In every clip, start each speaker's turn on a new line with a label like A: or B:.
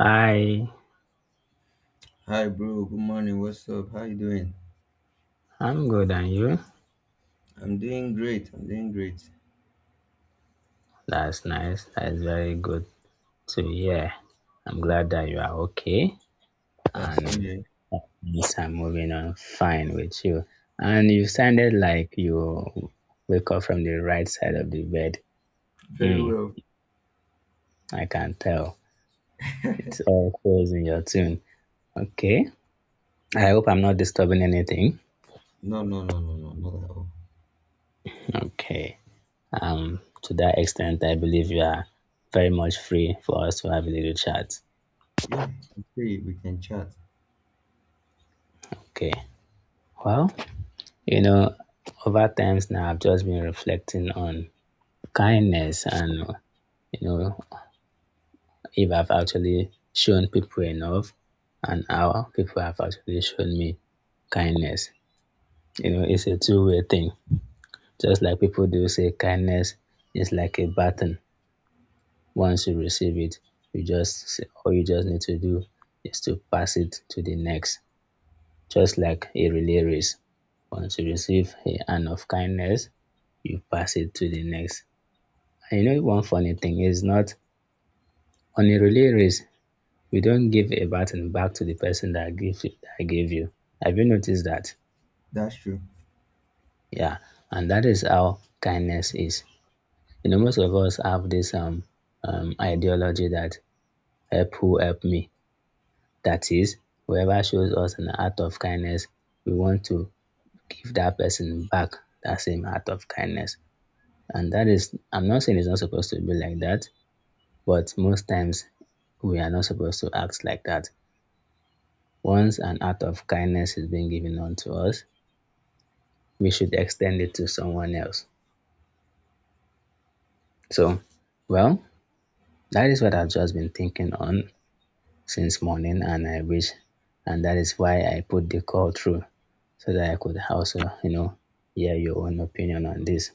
A: Hi,
B: Hi, bro. Good morning. What's up? How you doing?
A: I'm good, and you?
B: I'm doing great. I'm doing great.
A: That's nice. That's very good to hear. I'm glad that you are okay
B: Yeah, same
A: and
B: here.
A: things are moving on fine with you. And you sounded like you wake up from the right side of the bed.
B: Very
A: Hmm,
B: well.
A: I can tell. It's all close in your tune. Okay. I hope I'm not disturbing anything.
B: No, no, no, no, no, not at all.
A: Okay. To that extent, I believe you are very much free for us to have a little chat.
B: Yeah, I'm free. We can chat.
A: Okay. Well, You know, over times now, I've just been reflecting on kindness and, you know, if I've actually shown people enough and how people have actually shown me kindness. It's a two-way thing. Just like people do say, kindness is like a baton. Once you receive it, all you just need to do is to pass it to the next, just like a relay race. Once you receive a hand of kindness, you pass it to the next. And one funny thing is, not on a relay race, you don't give a baton back to the person that gave you. Have you noticed that?
B: That's true.
A: Yeah, and that is how kindness is. Most of us have this ideology that help who help me. That is, whoever shows us an act of kindness, we want to give that person back that same act of kindness. And that is, I'm not saying it's not supposed to be like that, but most times we are not supposed to act like that. Once an act of kindness is being given unto us, we should extend it to someone else. So, well, that is what I've just been thinking on since morning, and that is why I put the call through so that I could also, hear your own opinion on this.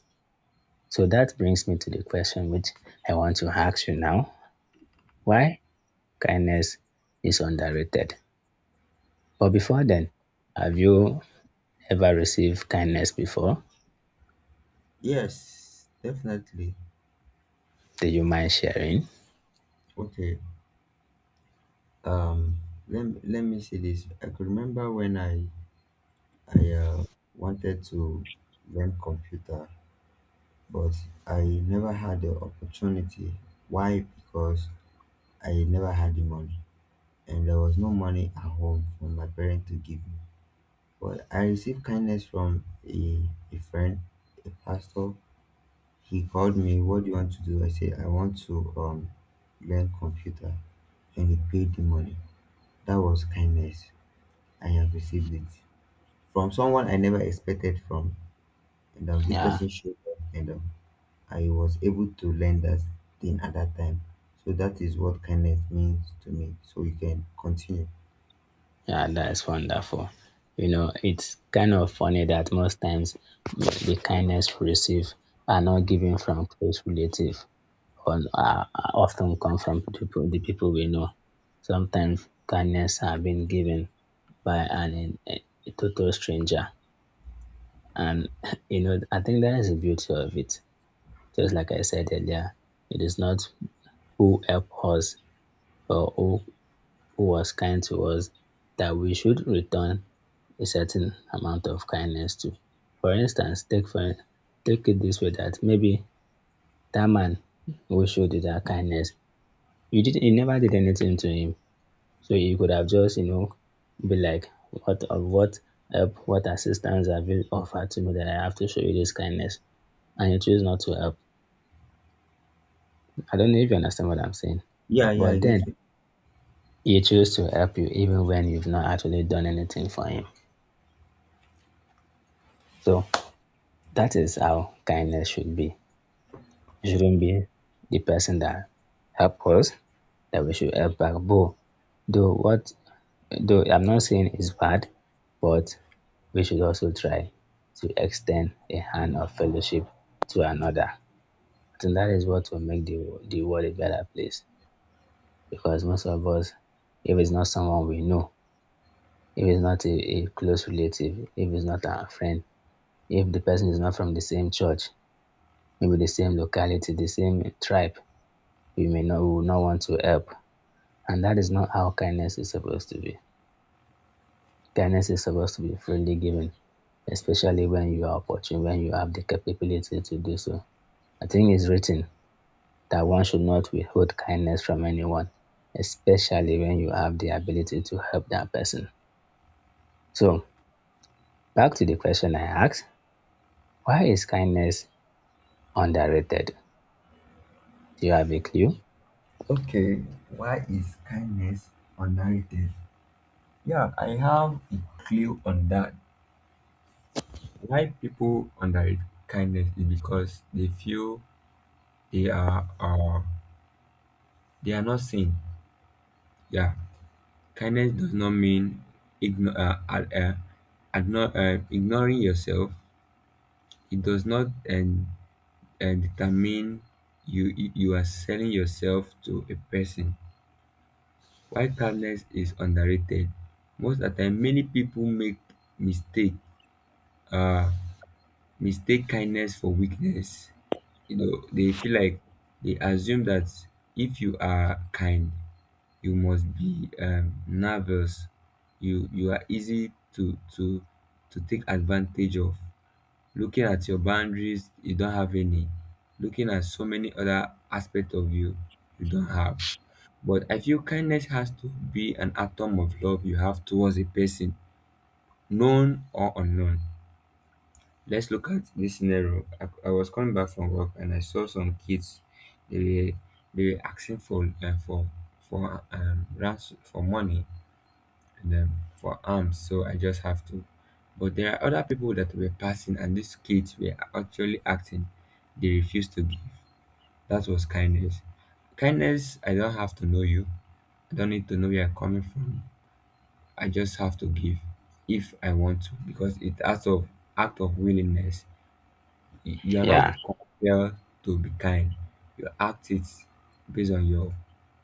A: So that brings me to the question which I want to ask you now, why kindness is underrated. But before then, have you ever received kindness before?
B: Yes, definitely.
A: Do you mind sharing?
B: Okay. Um, let me see this. I could remember when I wanted to learn computer, but I never had the opportunity. Why? Because I never had the money. And there was no money at home for my parents to give me. But I received kindness from a friend, a pastor. He called me, "What do you want to do?" I said, "I want to learn computer." And he paid the money. That was kindness. I have received it from someone I never expected from. And this
A: Yeah.
B: person showed up, and I was able to learn that thing at that time. So that is what kindness means to me. So you can continue.
A: Yeah, that's wonderful. It's kind of funny that most times the kindness we receive are not given from close relatives or are often come from people, the people we know. Sometimes kindness have been given by a total stranger, and I think that is the beauty of it. Just like I said earlier, it is not who help us or who was kind to us that we should return a certain amount of kindness to. For instance, take it this way that maybe that man who showed you that kindness, you never did anything to him. So you could have just, be like, what of what help, what assistance have you offered to me that I have to show you this kindness? And you choose not to help. I don't know if you understand what I'm saying.
B: Yeah, yeah, I
A: But
B: get
A: then
B: you.
A: he chose to help you even when you've not actually done anything for him. So, that is how kindness should be. It shouldn't be the person that help us that we should help back. But though what though I'm not saying it's bad, but we should also try to extend a hand of fellowship to another. I think that is what will make the world a better place. Because most of us, if it's not someone we know, if it's not a close relative, if it's not our friend, if the person is not from the same church, maybe the same locality, the same tribe, we will not want to help. And that is not how kindness is supposed to be. Kindness is supposed to be freely given, especially when you are opportune, when you have the capability to do so. I think it's written that one should not withhold kindness from anyone, especially when you have the ability to help that person. So, back to the question I asked, why is kindness underrated? Do you have a clue?
B: Okay, why is kindness underrated? Yeah, I have a clue on that. Why people underrate kindness is because they feel they are uh, they are not seen. Yeah, kindness does not mean igno- uh, ad- uh, ignoring yourself. It does not, and determine you are selling yourself to a person. Why kindness is underrated? Most of the time, many people make mistake uh, mistake kindness for weakness. You know, they feel like they assume that if you are kind, you must be nervous. You are easy to take advantage of. Looking at your boundaries, you don't have any. Looking at so many other aspects of you, you don't have. But I feel kindness has to be an atom of love you have towards a person, known or unknown. Let's look at this scenario. I was coming back from work and I saw some kids. They were they were asking for ransom for money, and for arms. So I just have to. But there are other people that were passing, and these kids were actually acting. They refused to give. That was kindness. Kindness. I don't have to know you. I don't need to know where you're coming from. I just have to give if I want to, because it's act of willingness. You are not
A: Yeah.
B: compelled to be kind. You act it based on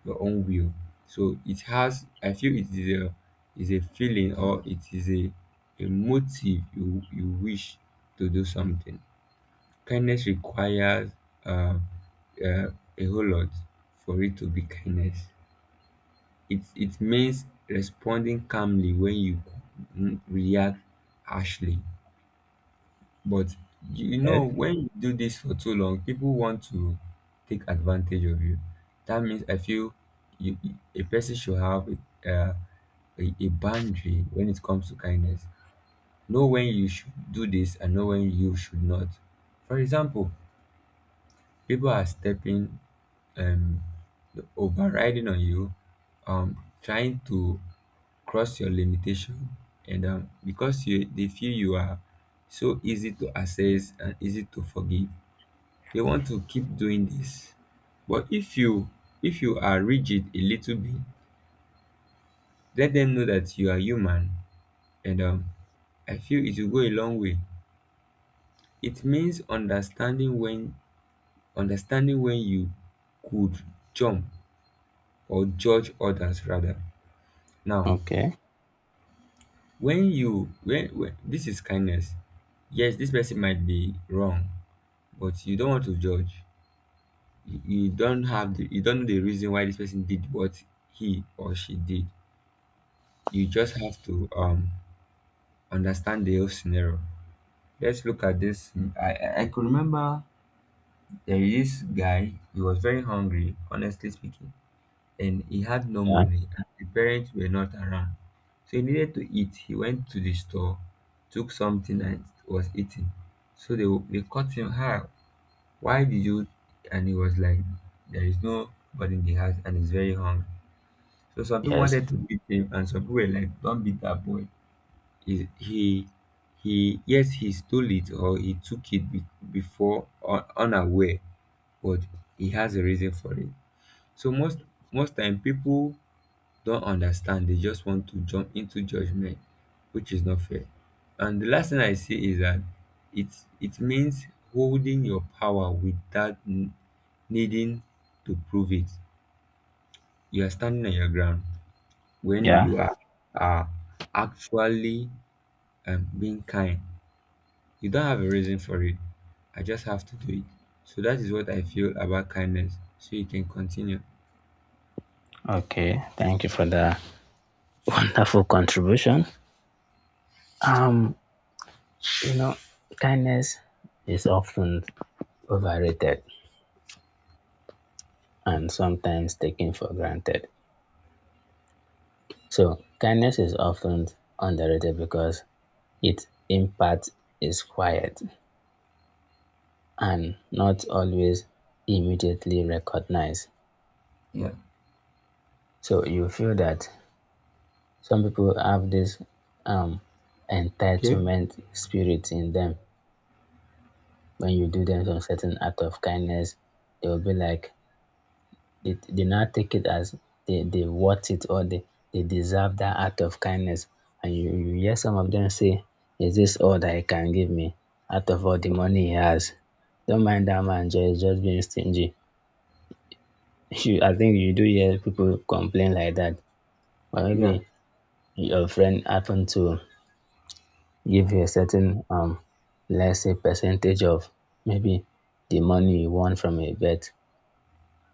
B: your own will. So it has. I feel it is a feeling, or it is a motive you wish to do something. Kindness requires uh, uh, a whole lot for it to be kindness. It means responding calmly when you react harshly. But you know,
A: Okay.
B: when you do this for too long, people want to take advantage of you. That means I feel you, a person should have uh, a boundary when it comes to kindness. Know when you should do this and know when you should not. For example, people are stepping, um, overriding on you, trying to cross your limitation, and because you they feel you are so easy to assess and easy to forgive, they want to keep doing this. But if you are rigid a little bit, let them know that you are human, and I feel it will go a long way. It means understanding when you could jump or judge others. Rather, now,
A: Okay.
B: when this is kindness, yes, this person might be wrong, but you don't want to judge. You don't have the you don't know the reason why this person did what he or she did. You just have to understand the whole scenario. Let's look at this. I could remember there is this guy. He was very hungry, honestly speaking, and he had no
A: Yeah.
B: money. And the parents were not around, so he needed to eat. He went to the store, took something and was eating. So they caught him. How? Why did you? And he was like, there is no nobody in the house, and he's very hungry. So some people
A: Yes.
B: wanted to beat him, and some people were like, don't beat that boy. he he he yes, he stole it, or he took it before unaware, but he has a reason for it. So most time people don't understand, they just want to jump into judgment, which is not fair. And the last thing I say is that it it means holding your power without needing to prove it. You are standing on your ground when
A: Yeah.
B: you are actually being kind. You don't have a reason for it. I just have to do it. So that is what I feel about kindness. So you can continue.
A: Okay, thank you for the wonderful contribution. Um, you know, Kindness is often overrated and sometimes taken for granted. So, kindness is often underrated because its impact is quiet and not always immediately recognized.
B: Yeah.
A: So, you feel that some people have this um,
B: Okay.
A: entitlement spirit in them when you do them some certain act of kindness, they will be like they now take it as they worth it or they deserve that act of kindness. And you hear some of them say, is this all that he can give me? Out of all the money he has. Don't mind that man, just being stingy. You I think you do hear people complain like that. Or
B: Yeah.
A: maybe your friend happened to give you a certain let's say percentage of maybe the money you won from a bet,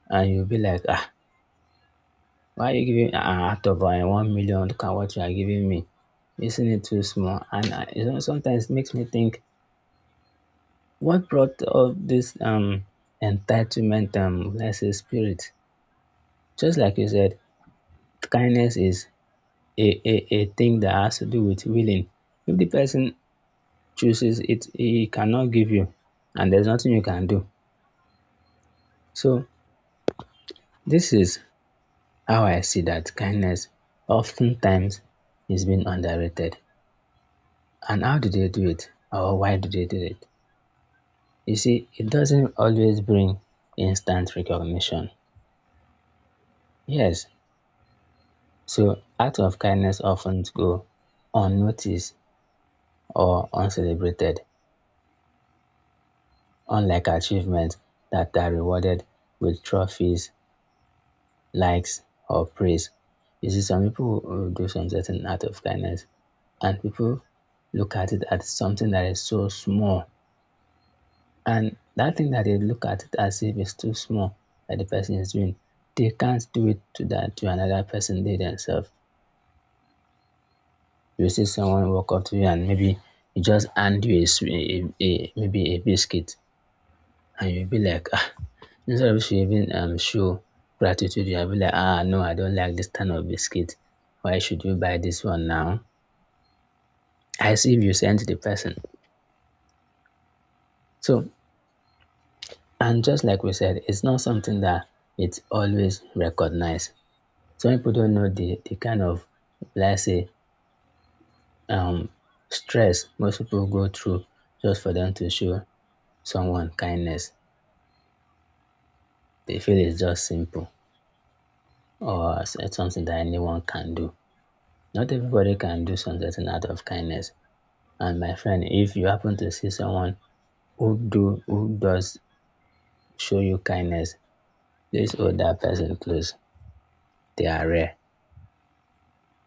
A: and you'll be like, ah, why are you giving ah, out of 1 million? Look at what you are giving me. Isn't it too small? And sometimes makes me think, what brought all this entitlement let's say spirit? Just like you said, kindness is a thing that has to do with willing. If the person chooses it, he cannot give you, and there's nothing you can do. So this is how I see that kindness oftentimes is being underrated. And how do they do it? Or why do they do it? You see, it doesn't always bring instant recognition. Yes, so acts of kindness often go unnoticed or uncelebrated, unlike achievements that are rewarded with trophies, likes, or praise. You see, some people will do some certain act of kindness, and people look at it as something that is so small. And that thing that they look at it as if it's too small that the person is doing, they can't do it to that to another person. They themselves, you see someone walk up to you and maybe he just hand you a sw- a maybe a biscuit, and you'll be like, ah, instead of you even show gratitude, you'll be like, ah, no, I don't like this kind of biscuit. Why should you buy this one now? As if you sent the person. So, and just like we said, it's not something that it's always recognized. Some people don't know the kind of let's say um stress most people go through just for them to show someone kindness. They feel it's just simple or something that anyone can do. Not everybody can do something out of kindness. And my friend, if you happen to see someone who does show you kindness, please hold that person close. They are rare.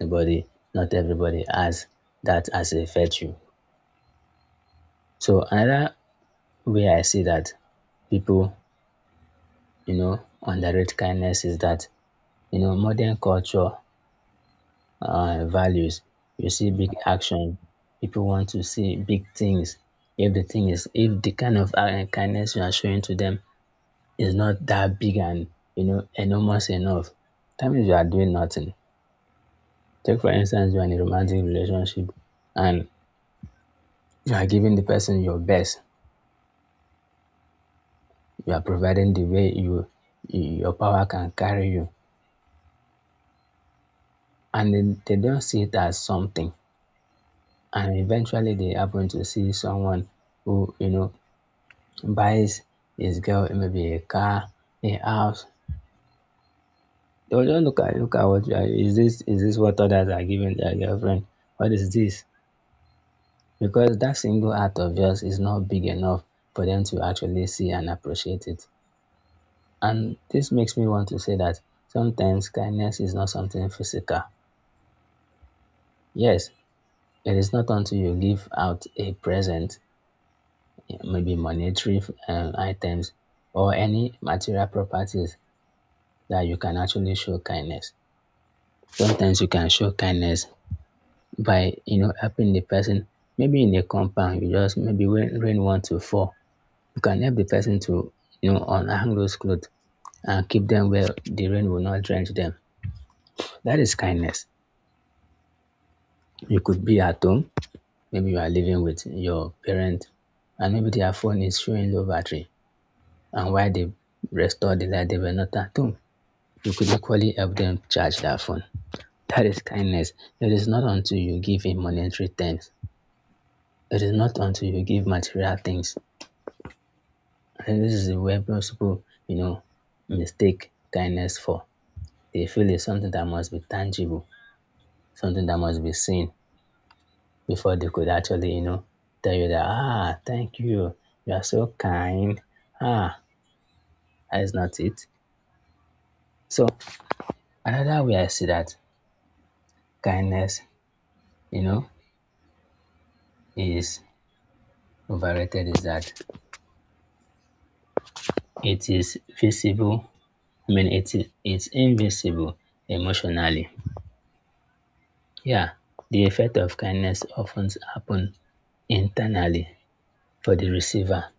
A: Nobody, not everybody has that as a virtue. So another where I see that people, underrate kindness is that, modern culture values, you see big action. People want to see big things. If the kind of kindness you are showing to them is not that big and, enormous enough, that means you are doing nothing. Take, for instance, you are in a romantic relationship and you are giving the person your best. You are providing the way your power can carry you, and then they don't see it as something. And eventually they happen to see someone who, buys his girl maybe a car, a house. They'll just look at what you are. Is this what others are giving their girlfriend? What is this? Because that single act of yours is not big enough for them to actually see and appreciate it. And this makes me want to say that sometimes kindness is not something physical. Yes, it is not until you give out a present. Yeah, maybe monetary items or any material properties that you can actually show kindness. Sometimes you can show kindness by helping the person. Maybe in a compound, you just maybe when rain want to fall, you can help the person to unhang those clothes and keep them where the rain will not drench them. That is kindness. You could be at home, maybe you are living with your parent, and maybe their phone is showing low battery, and while they restore the light, they were not at home. You could equally help them charge their phone. That is kindness. It is not until you give in monetary things. It is not until you give material things. And this is where most people, mistake kindness for. They feel it's something that must be tangible, something that must be seen before they could actually, tell you that, ah, thank you. You are so kind. Ah, that is not it. So another way I see that kindness, you know, is overrated is that it is visible I mean it is it's invisible emotionally. Yeah, the effect of kindness often happen internally for the receiver.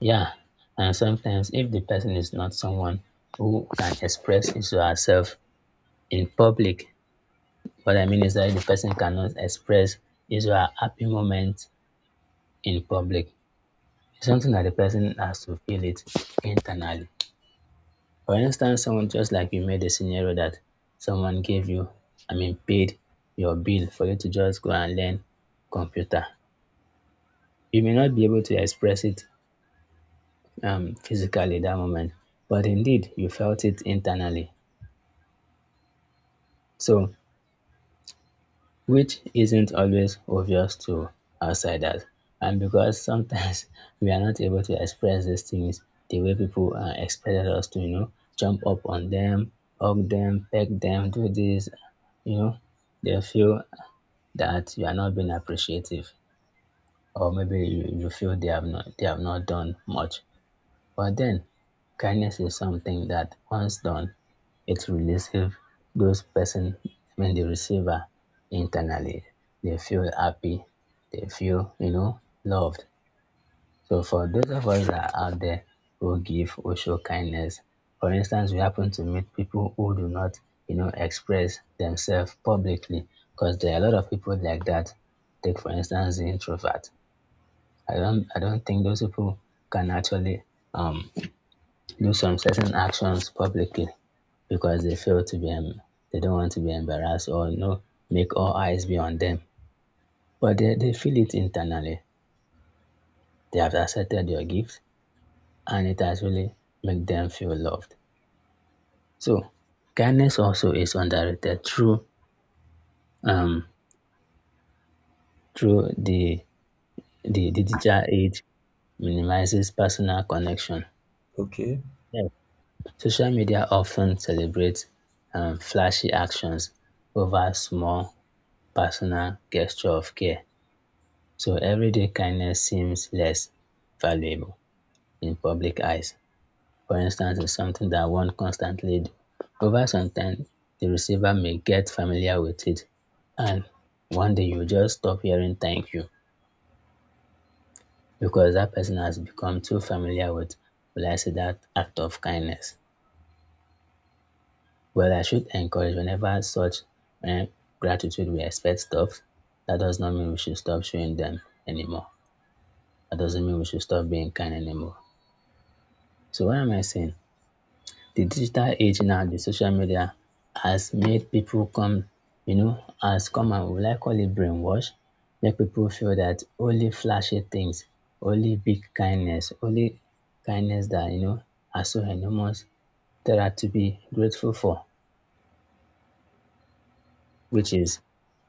A: Yeah, and sometimes if the person is not someone who can express his or herself in public, what I mean is that the person cannot express his or her happy moment in public. It's something that the person has to feel it internally. For instance, someone just like you made a scenario that someone gave you, I mean, paid your bill for you to just go and learn computer. You may not be able to express it physically that moment, but indeed you felt it internally. So, which isn't always obvious to outsiders. And because sometimes we are not able to express these things the way people expected us to, you know, jump up on them, hug them, peck them, do this, you know, they feel that you are not being appreciative or maybe you feel they have not done much, but then kindness is something that once done, it releases those person I mean the receiver internally. They feel happy, they feel, you know, loved. So for those of us that are out there who give, who show kindness, for instance, we happen to meet people who do not, you know, express themselves publicly, because there are a lot of people like that. Take for instance the introvert. I don't think those people can actually um, do some certain actions publicly because they feel to be, they don't want to be embarrassed or, you know, make all eyes be on them. But they feel it internally. They have accepted your gift and it has really made them feel loved. So kindness also is underrated through um through the digital age minimizes personal connection.
B: Okay.
A: Yes. Social media often celebrates flashy actions over small personal gesture of care. So everyday kindness seems less valuable in public eyes. For instance, is something that one constantly do. Over some time, the receiver may get familiar with it, and one day you just stop hearing thank you because that person has become too familiar with, will I say, that act of kindness. Well, I should encourage whenever such eh, gratitude we expect stops, that does not mean we should stop showing them anymore. That doesn't mean we should stop being kind anymore. So what am I saying? The digital age now, the social media has made people come, you know, has come and, will I call it, brainwash, make people feel that only flashy things, only big kindness, only kindness that, you know, are so enormous that are to be grateful for, which is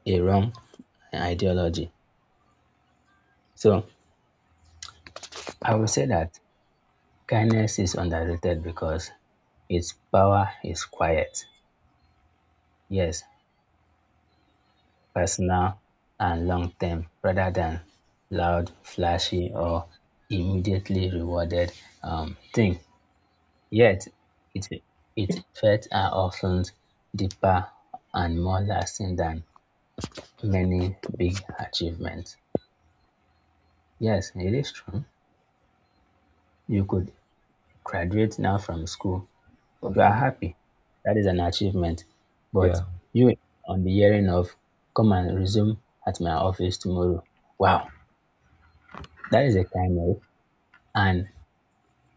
A: a wrong ideology. So I would say that kindness is underrated because its power is quiet. Yes, personal and long-term, rather than loud, flashy, or immediately rewarded thing. Yet, its its effects are often deeper and more lasting than many big achievements. Yes, it is true. You could graduate now from school. You are
B: Okay.
A: happy. That is an achievement. But
B: Yeah.
A: you, on the hearing of, come and resume at my office tomorrow. Wow, that is a kind of. And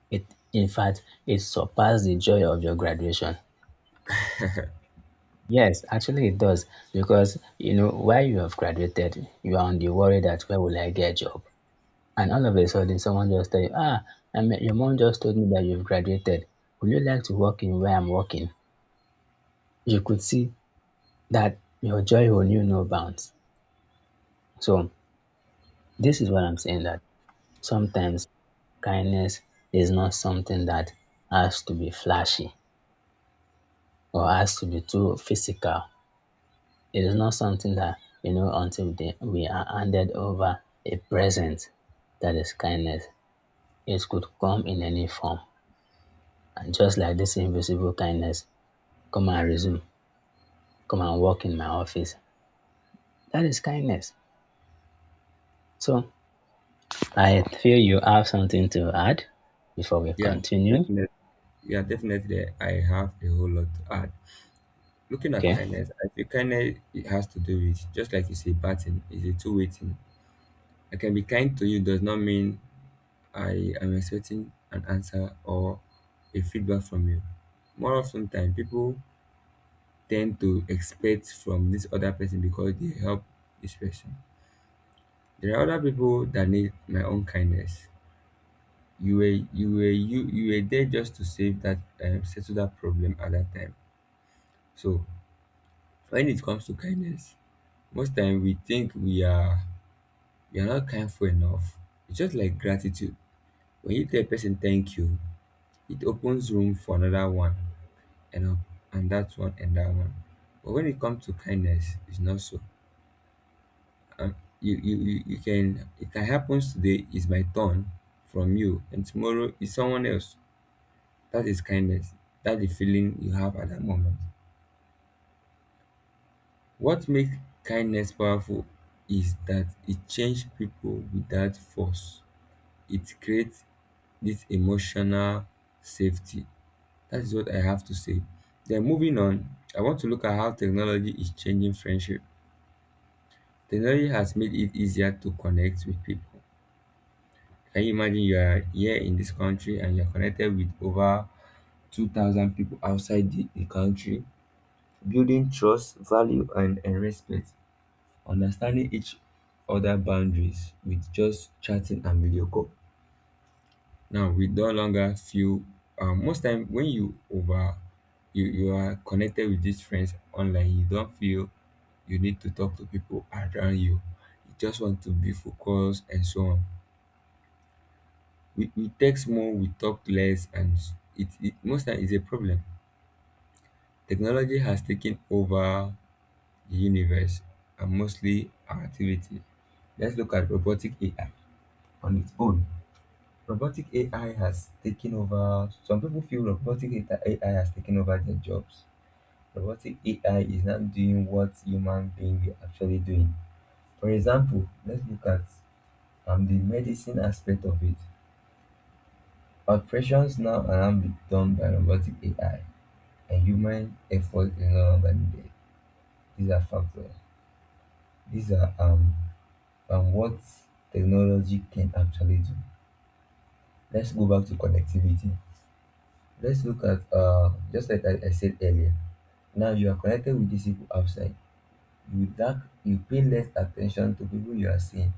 A: it, in fact, it surpasses the joy of your graduation. Yes, actually it does, because you know while you have graduated, you are on the worry that where will I get a job? And all of a sudden, someone just tell you, ah, I mean, your mom just told me that you've graduated. Would you like to work in where I'm working? You could see that your joy will knew no bounds. So this is what I'm saying, that sometimes kindness is not something that has to be flashy or has to be too physical. It is not something that, you know, until they, we are handed over a present, that is kindness. It could come in any form. And just like this invisible kindness, come and resume, come and work in my office. That is kindness. So I feel you have something to add before we
B: Yeah.
A: continue.
B: Definitely. Yeah. Definitely. I have a whole lot to add. Looking at
A: Okay.
B: kindness, I feel kindness, it has to do with, just like you say, batting is a two-way thing. I can be kind to you does not mean I am expecting an answer or a feedback from you. More often time, people tend to expect from this other person because they help this person. There are other people that need my own kindness. You were there just to save that settle that problem at that time. So when it comes to kindness, most time we think we are not kindful enough. It's just like gratitude. When you tell a person thank you, it opens room for another one, and up, and that one, and that one. But when it comes to kindness, it's not so. You can, it can happen today is my turn from you, and tomorrow is someone else. That is kindness. That's the feeling you have at that moment. What makes kindness powerful is that it changes people without force. It creates this emotional safety. That is what I have to say. Then moving on, I want to look at how technology is changing friendship. Technology has made it easier to connect with people. Can you imagine you are here in this country and you're connected with over 2,000 people outside the country, building trust, value, and respect, understanding each other boundaries with just chatting and video call. Now, we no longer feel, most time when you are connected with these friends online, you don't feel you need to talk to people around you. You just want to be focused and so on. We text more, we talk less, and it most time is a problem. Technology has taken over the universe, and mostly our activity. Let's look at robotic AI. On its own, robotic AI has taken over. Some people feel robotic AI has taken over their jobs. Robotic AI is not doing what human being are actually doing. For example, let's look at the medicine aspect of it. Operations now are now be done by robotic AI, and human effort alone can these are factors. These are what technology can actually do. Let's go back to connectivity. Let's look at, just like I said earlier. Now you are connected with these people outside. You lack you pay less attention to people you are seeing.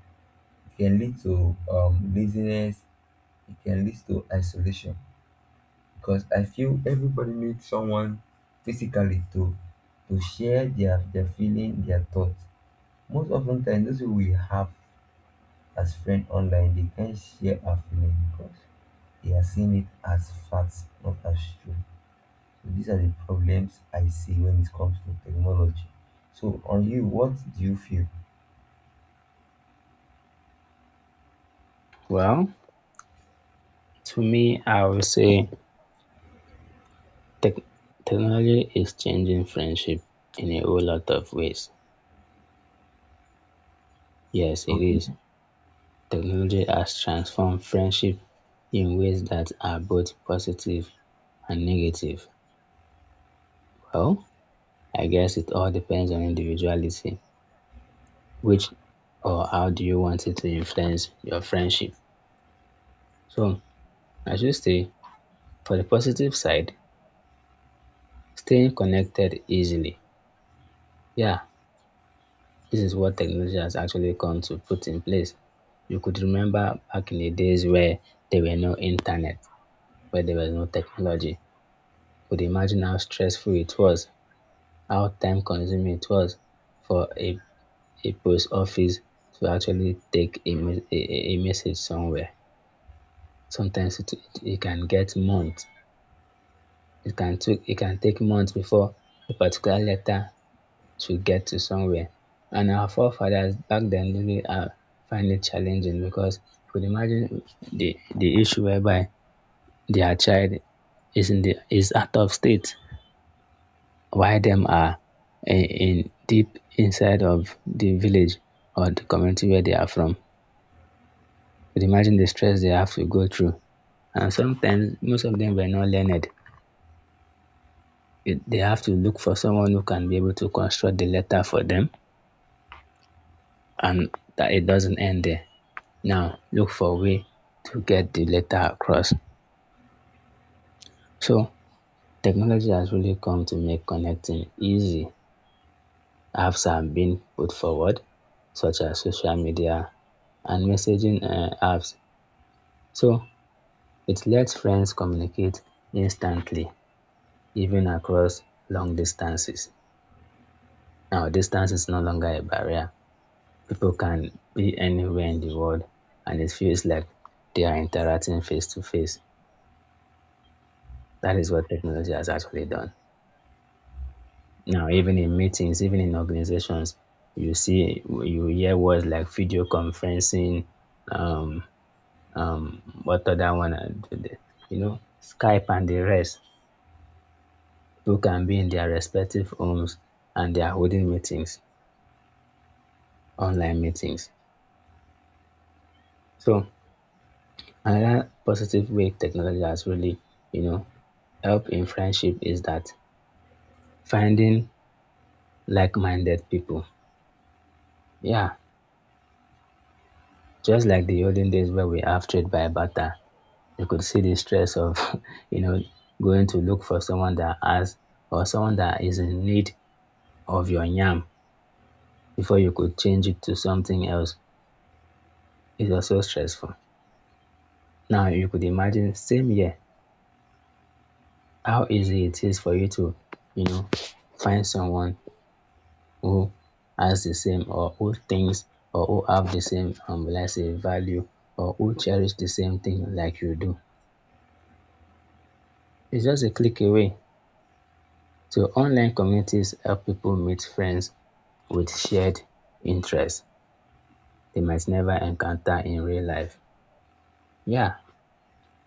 B: It can lead to laziness, it can lead to isolation. Because I feel everybody needs someone physically to share their feeling, their thoughts. Most often times, those who we have as friends online, they can't share our feelings because they are seeing it as facts, not as true. So these are the problems I see when it comes to technology. So on you, what do you feel?
A: Well, to me, I would say tech- technology is changing friendship in a whole lot of ways. Yes, it
B: Okay.
A: is. Technology has transformed friendship in ways that are both positive and negative. Well, I guess it all depends on individuality, which, or how do you want it to influence your friendship. So, I should say, for the positive side, staying connected easily. Yeah, this is what technology has actually come to put in place. You could remember back in the days where there were no internet, where there was no technology. Could imagine how stressful it was. How time-consuming it was for a post office to actually take a message somewhere. Sometimes it can get months. It can take months before a particular letter to get to somewhere. And our forefathers back then really find it challenging, because you could imagine the issue whereby their child is in the is out of state, why them are in deep inside of the village or the community where they are from. But imagine the stress they have to go through. And sometimes most of them were not learned. It- they have to look for someone who can be able to construct the letter for them, and that it doesn't end there. Now look for a way to get the letter across. So technology has really come to make connecting easy. Apps have been put forward, such as social media and messaging apps. So it lets friends communicate instantly, even across long distances. Now, distance is no longer a barrier. People can be anywhere in the world, and it feels like they are interacting face to face. That is what technology has actually done. Now, even in meetings, even in organizations, you see, you hear words like video conferencing, um, what other one, I did you know, Skype and the rest. People can be in their respective homes and they are holding meetings, online meetings. So another positive way technology has really, you know, helped in friendship is that finding like-minded people. Yeah, just like the olden days where we have trade by barter, you could see the stress of, you know, going to look for someone that has or someone that is in need of your yam before you could change it to something else is also stressful. Now you could imagine same year how easy it is for you to, you know, find someone who has the same, or who thinks or who have the same, let's say value, or who cherish the same thing like you do. It's just a click away. So online communities help people meet friends with shared interests they might never encounter in real life. Yeah,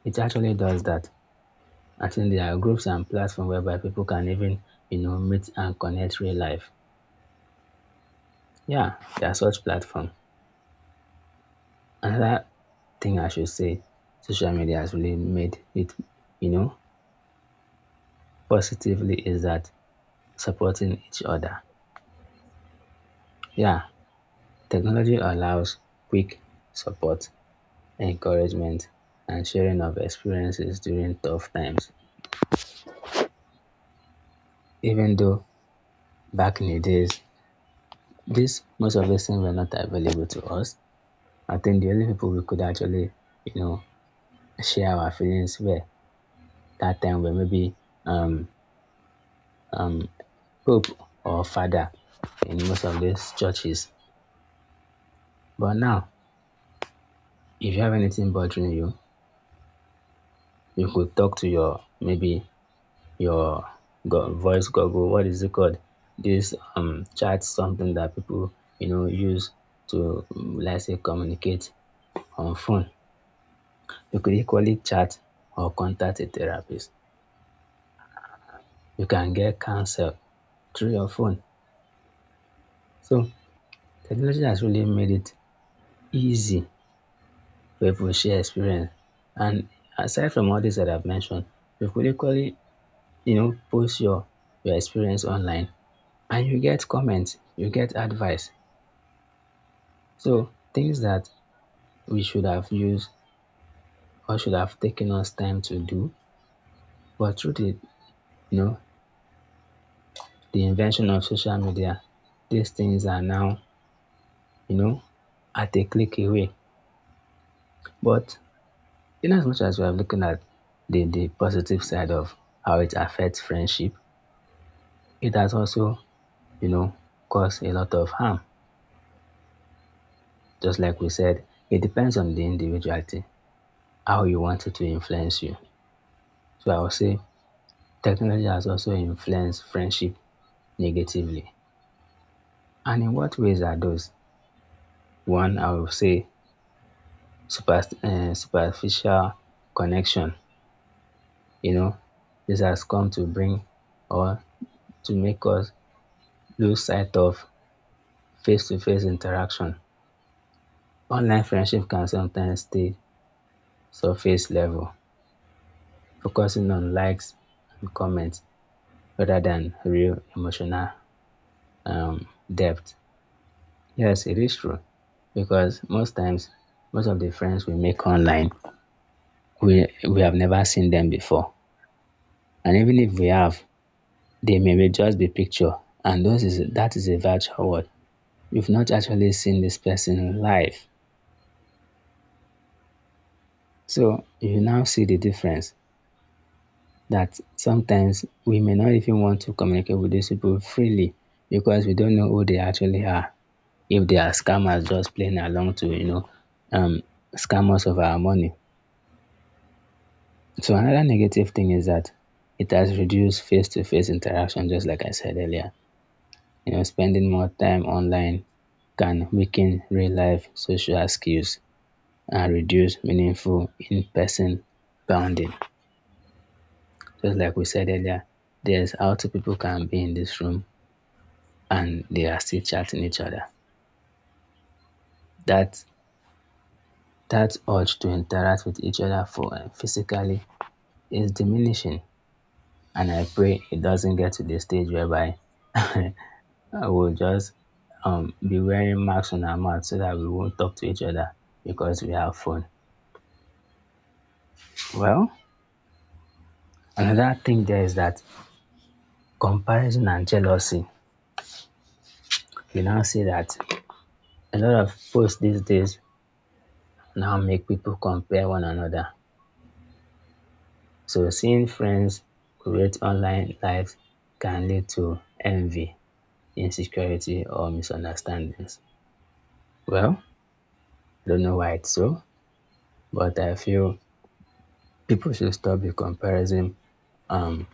A: it actually does that. I think there are groups and platforms whereby people can even, you know, meet and connect real life. Yeah, there are such platforms. Another thing I should say social media has really made it, you know, positively is that supporting each other. Yeah, technology allows quick support, encouragement, and sharing of experiences during tough times. Even though back in the days, this most of these things were not available to us, I think the only people we could actually, you know, share our feelings with that time were maybe um, um, Pope or Father in most of these churches. But now, if you have anything bothering you, you could talk to your maybe your voice goggle. What is it called? This chat something that people you know use to let's say communicate on phone. You could equally chat or contact a therapist. You can get cancer through your phone. So technology has really made it easy for people to share experience. And aside from all this that I've mentioned, you could equally, you know, post your experience online and you get comments, you get advice. So things that we should have used or should have taken us time to do. But through the, you know, the invention of social media, these things are now, you know, at a click away. But in as much as we are looking at the positive side of how it affects friendship, it has also, you know, caused a lot of harm. Just like we said, it depends on the individuality, how you want it to influence you. So I would say technology has also influenced friendship negatively. And in what ways are those? One, I would say superficial connection. You know, this has come to bring or to make us lose sight of face-to-face interaction. Online friendship can sometimes stay surface level, focusing on likes and comments rather than real emotional um, depth. Yes, it is true because most times, most of the friends we make online, we have never seen them before, and even if we have, they may be just be picture, and those is that is a virtual world. You've not actually seen this person live, so you now see the difference that sometimes we may not even want to communicate with these people freely because we don't know who they actually are. If they are scammers just playing along to, you know, um, scam us of our money. So another negative thing is that it has reduced face-to-face interaction, just like I said earlier. You know, spending more time online can weaken real-life social skills and reduce meaningful in-person bonding. Just like we said earlier, there's how two people can be in this room and they are still chatting each other. That that urge to interact with each other for physically is diminishing, and I pray it doesn't get to the stage whereby I will just be wearing masks on our mouth so that we won't talk to each other because we have phone. Well, another thing there is that comparison and jealousy. You now see that a lot of posts these days now make people compare one another. So seeing friends create online lives can lead to envy, insecurity, or misunderstandings. Well, I don't know why it's so, but I feel people should stop the comparison um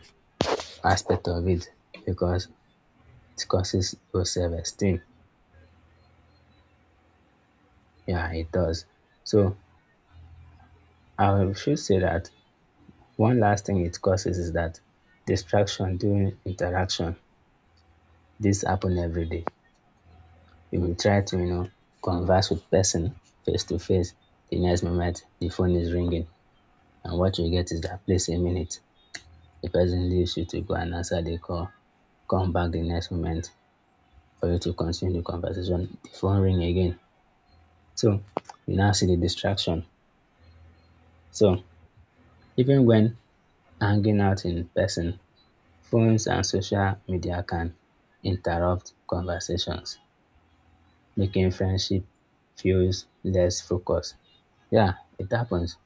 A: aspect of it because it causes low self-esteem. Yeah, it does. So I should say that one last thing it causes is that distraction during interaction. This happen every day. We will try to, you know, converse with person face to face. The next moment, the phone is ringing, and what you get is that please a minute. The person leaves you to go and answer the call, come back the next moment for you to continue the conversation. The phone ring again. So you now see the distraction. So even when hanging out in person, phones and social media can interrupt conversations, making friendship feels less focused. Yeah, it happens.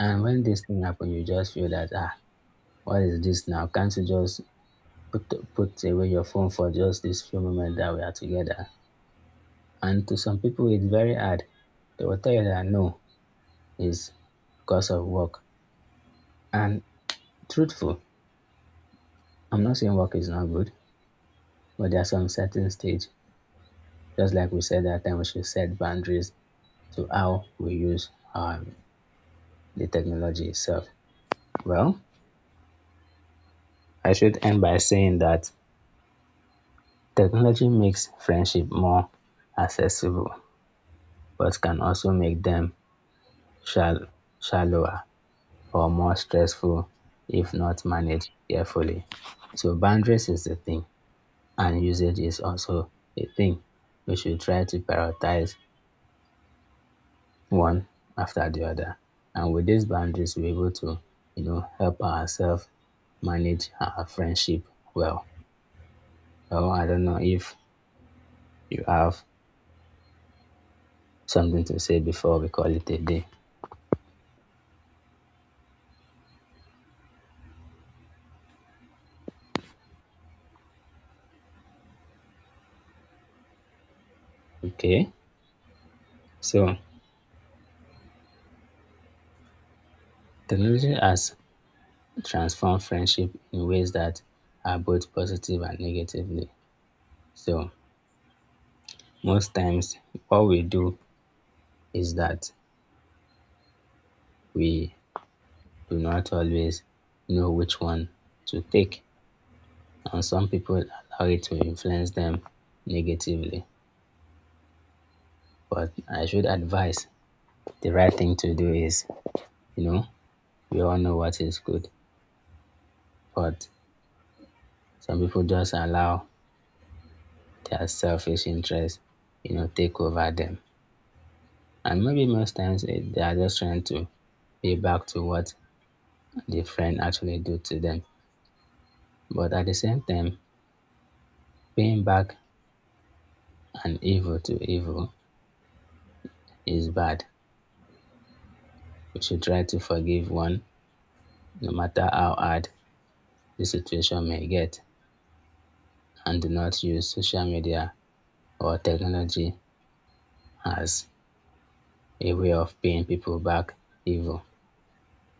A: And when this thing happen, you just feel that ah, what is this now? Can't you just put away your phone for just this few moments that we are together? And to some people, it's very hard. They will tell you that no, it's because of work. And truthful, I'm not saying work is not good, but there are some certain stage. Just like we said that time, we should set boundaries to how we use the technology itself. Well, I should end by saying that technology makes friendship more accessible, but can also make them shall shallower or more stressful if not managed carefully. So boundaries is the thing and usage is also a thing. We should try to prioritize one after the other. And with these boundaries, we're able to, you know, help ourselves manage our friendship well. Well, I don't know if you have something to say before we call it a day. Okay. So technology has transform friendship in ways that are both positive and negatively. So most times what we do is that we do not always know which one to take. And some people allow it to influence them negatively. But I should advise the right thing to do is, you know, we all know what is good. But some people just allow their selfish interests, you know, take over them. And maybe most times they are just trying to pay back to what the friend actually do to them. But at the same time, paying back an evil to evil is bad. We should try to forgive one, no matter how hard the situation may get, and do not use social media or technology as a way of paying people back evil.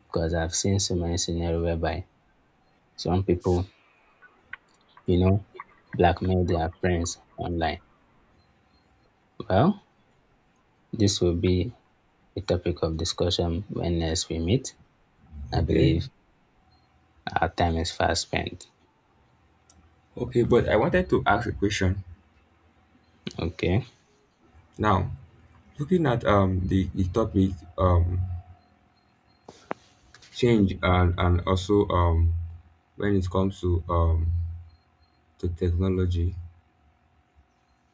A: Because I've seen so many scenarios whereby some people, you know, blackmail their friends online. Well, this will be a topic of discussion when next we meet. I
B: Okay,
A: believe our time is fast spent.
B: okay, but I wanted to ask a question.
A: Okay.
B: Now, looking at the topic, um change, and also, when it comes to technology,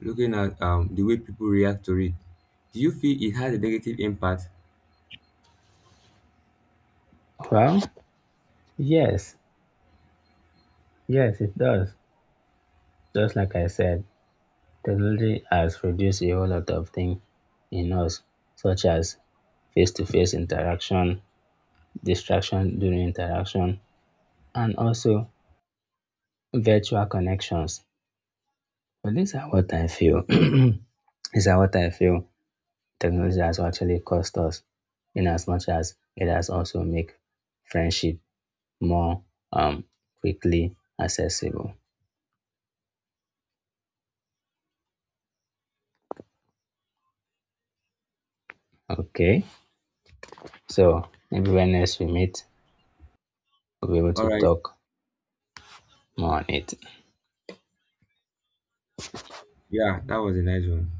B: looking at the way people react to it. Do you feel it had a negative impact?
A: Well, yes, yes, it does. Just like I said, technology has produced a whole lot of things in us, such as face to face interaction, distraction during interaction, and also virtual connections. But these are what I feel. These are what I feel technology has actually cost us in as much as it has also made friendship more um, quickly accessible. Okay, so maybe when next we meet, we'll be able
B: All
A: to
B: right,
A: talk more on it.
B: yeah, that was a nice one.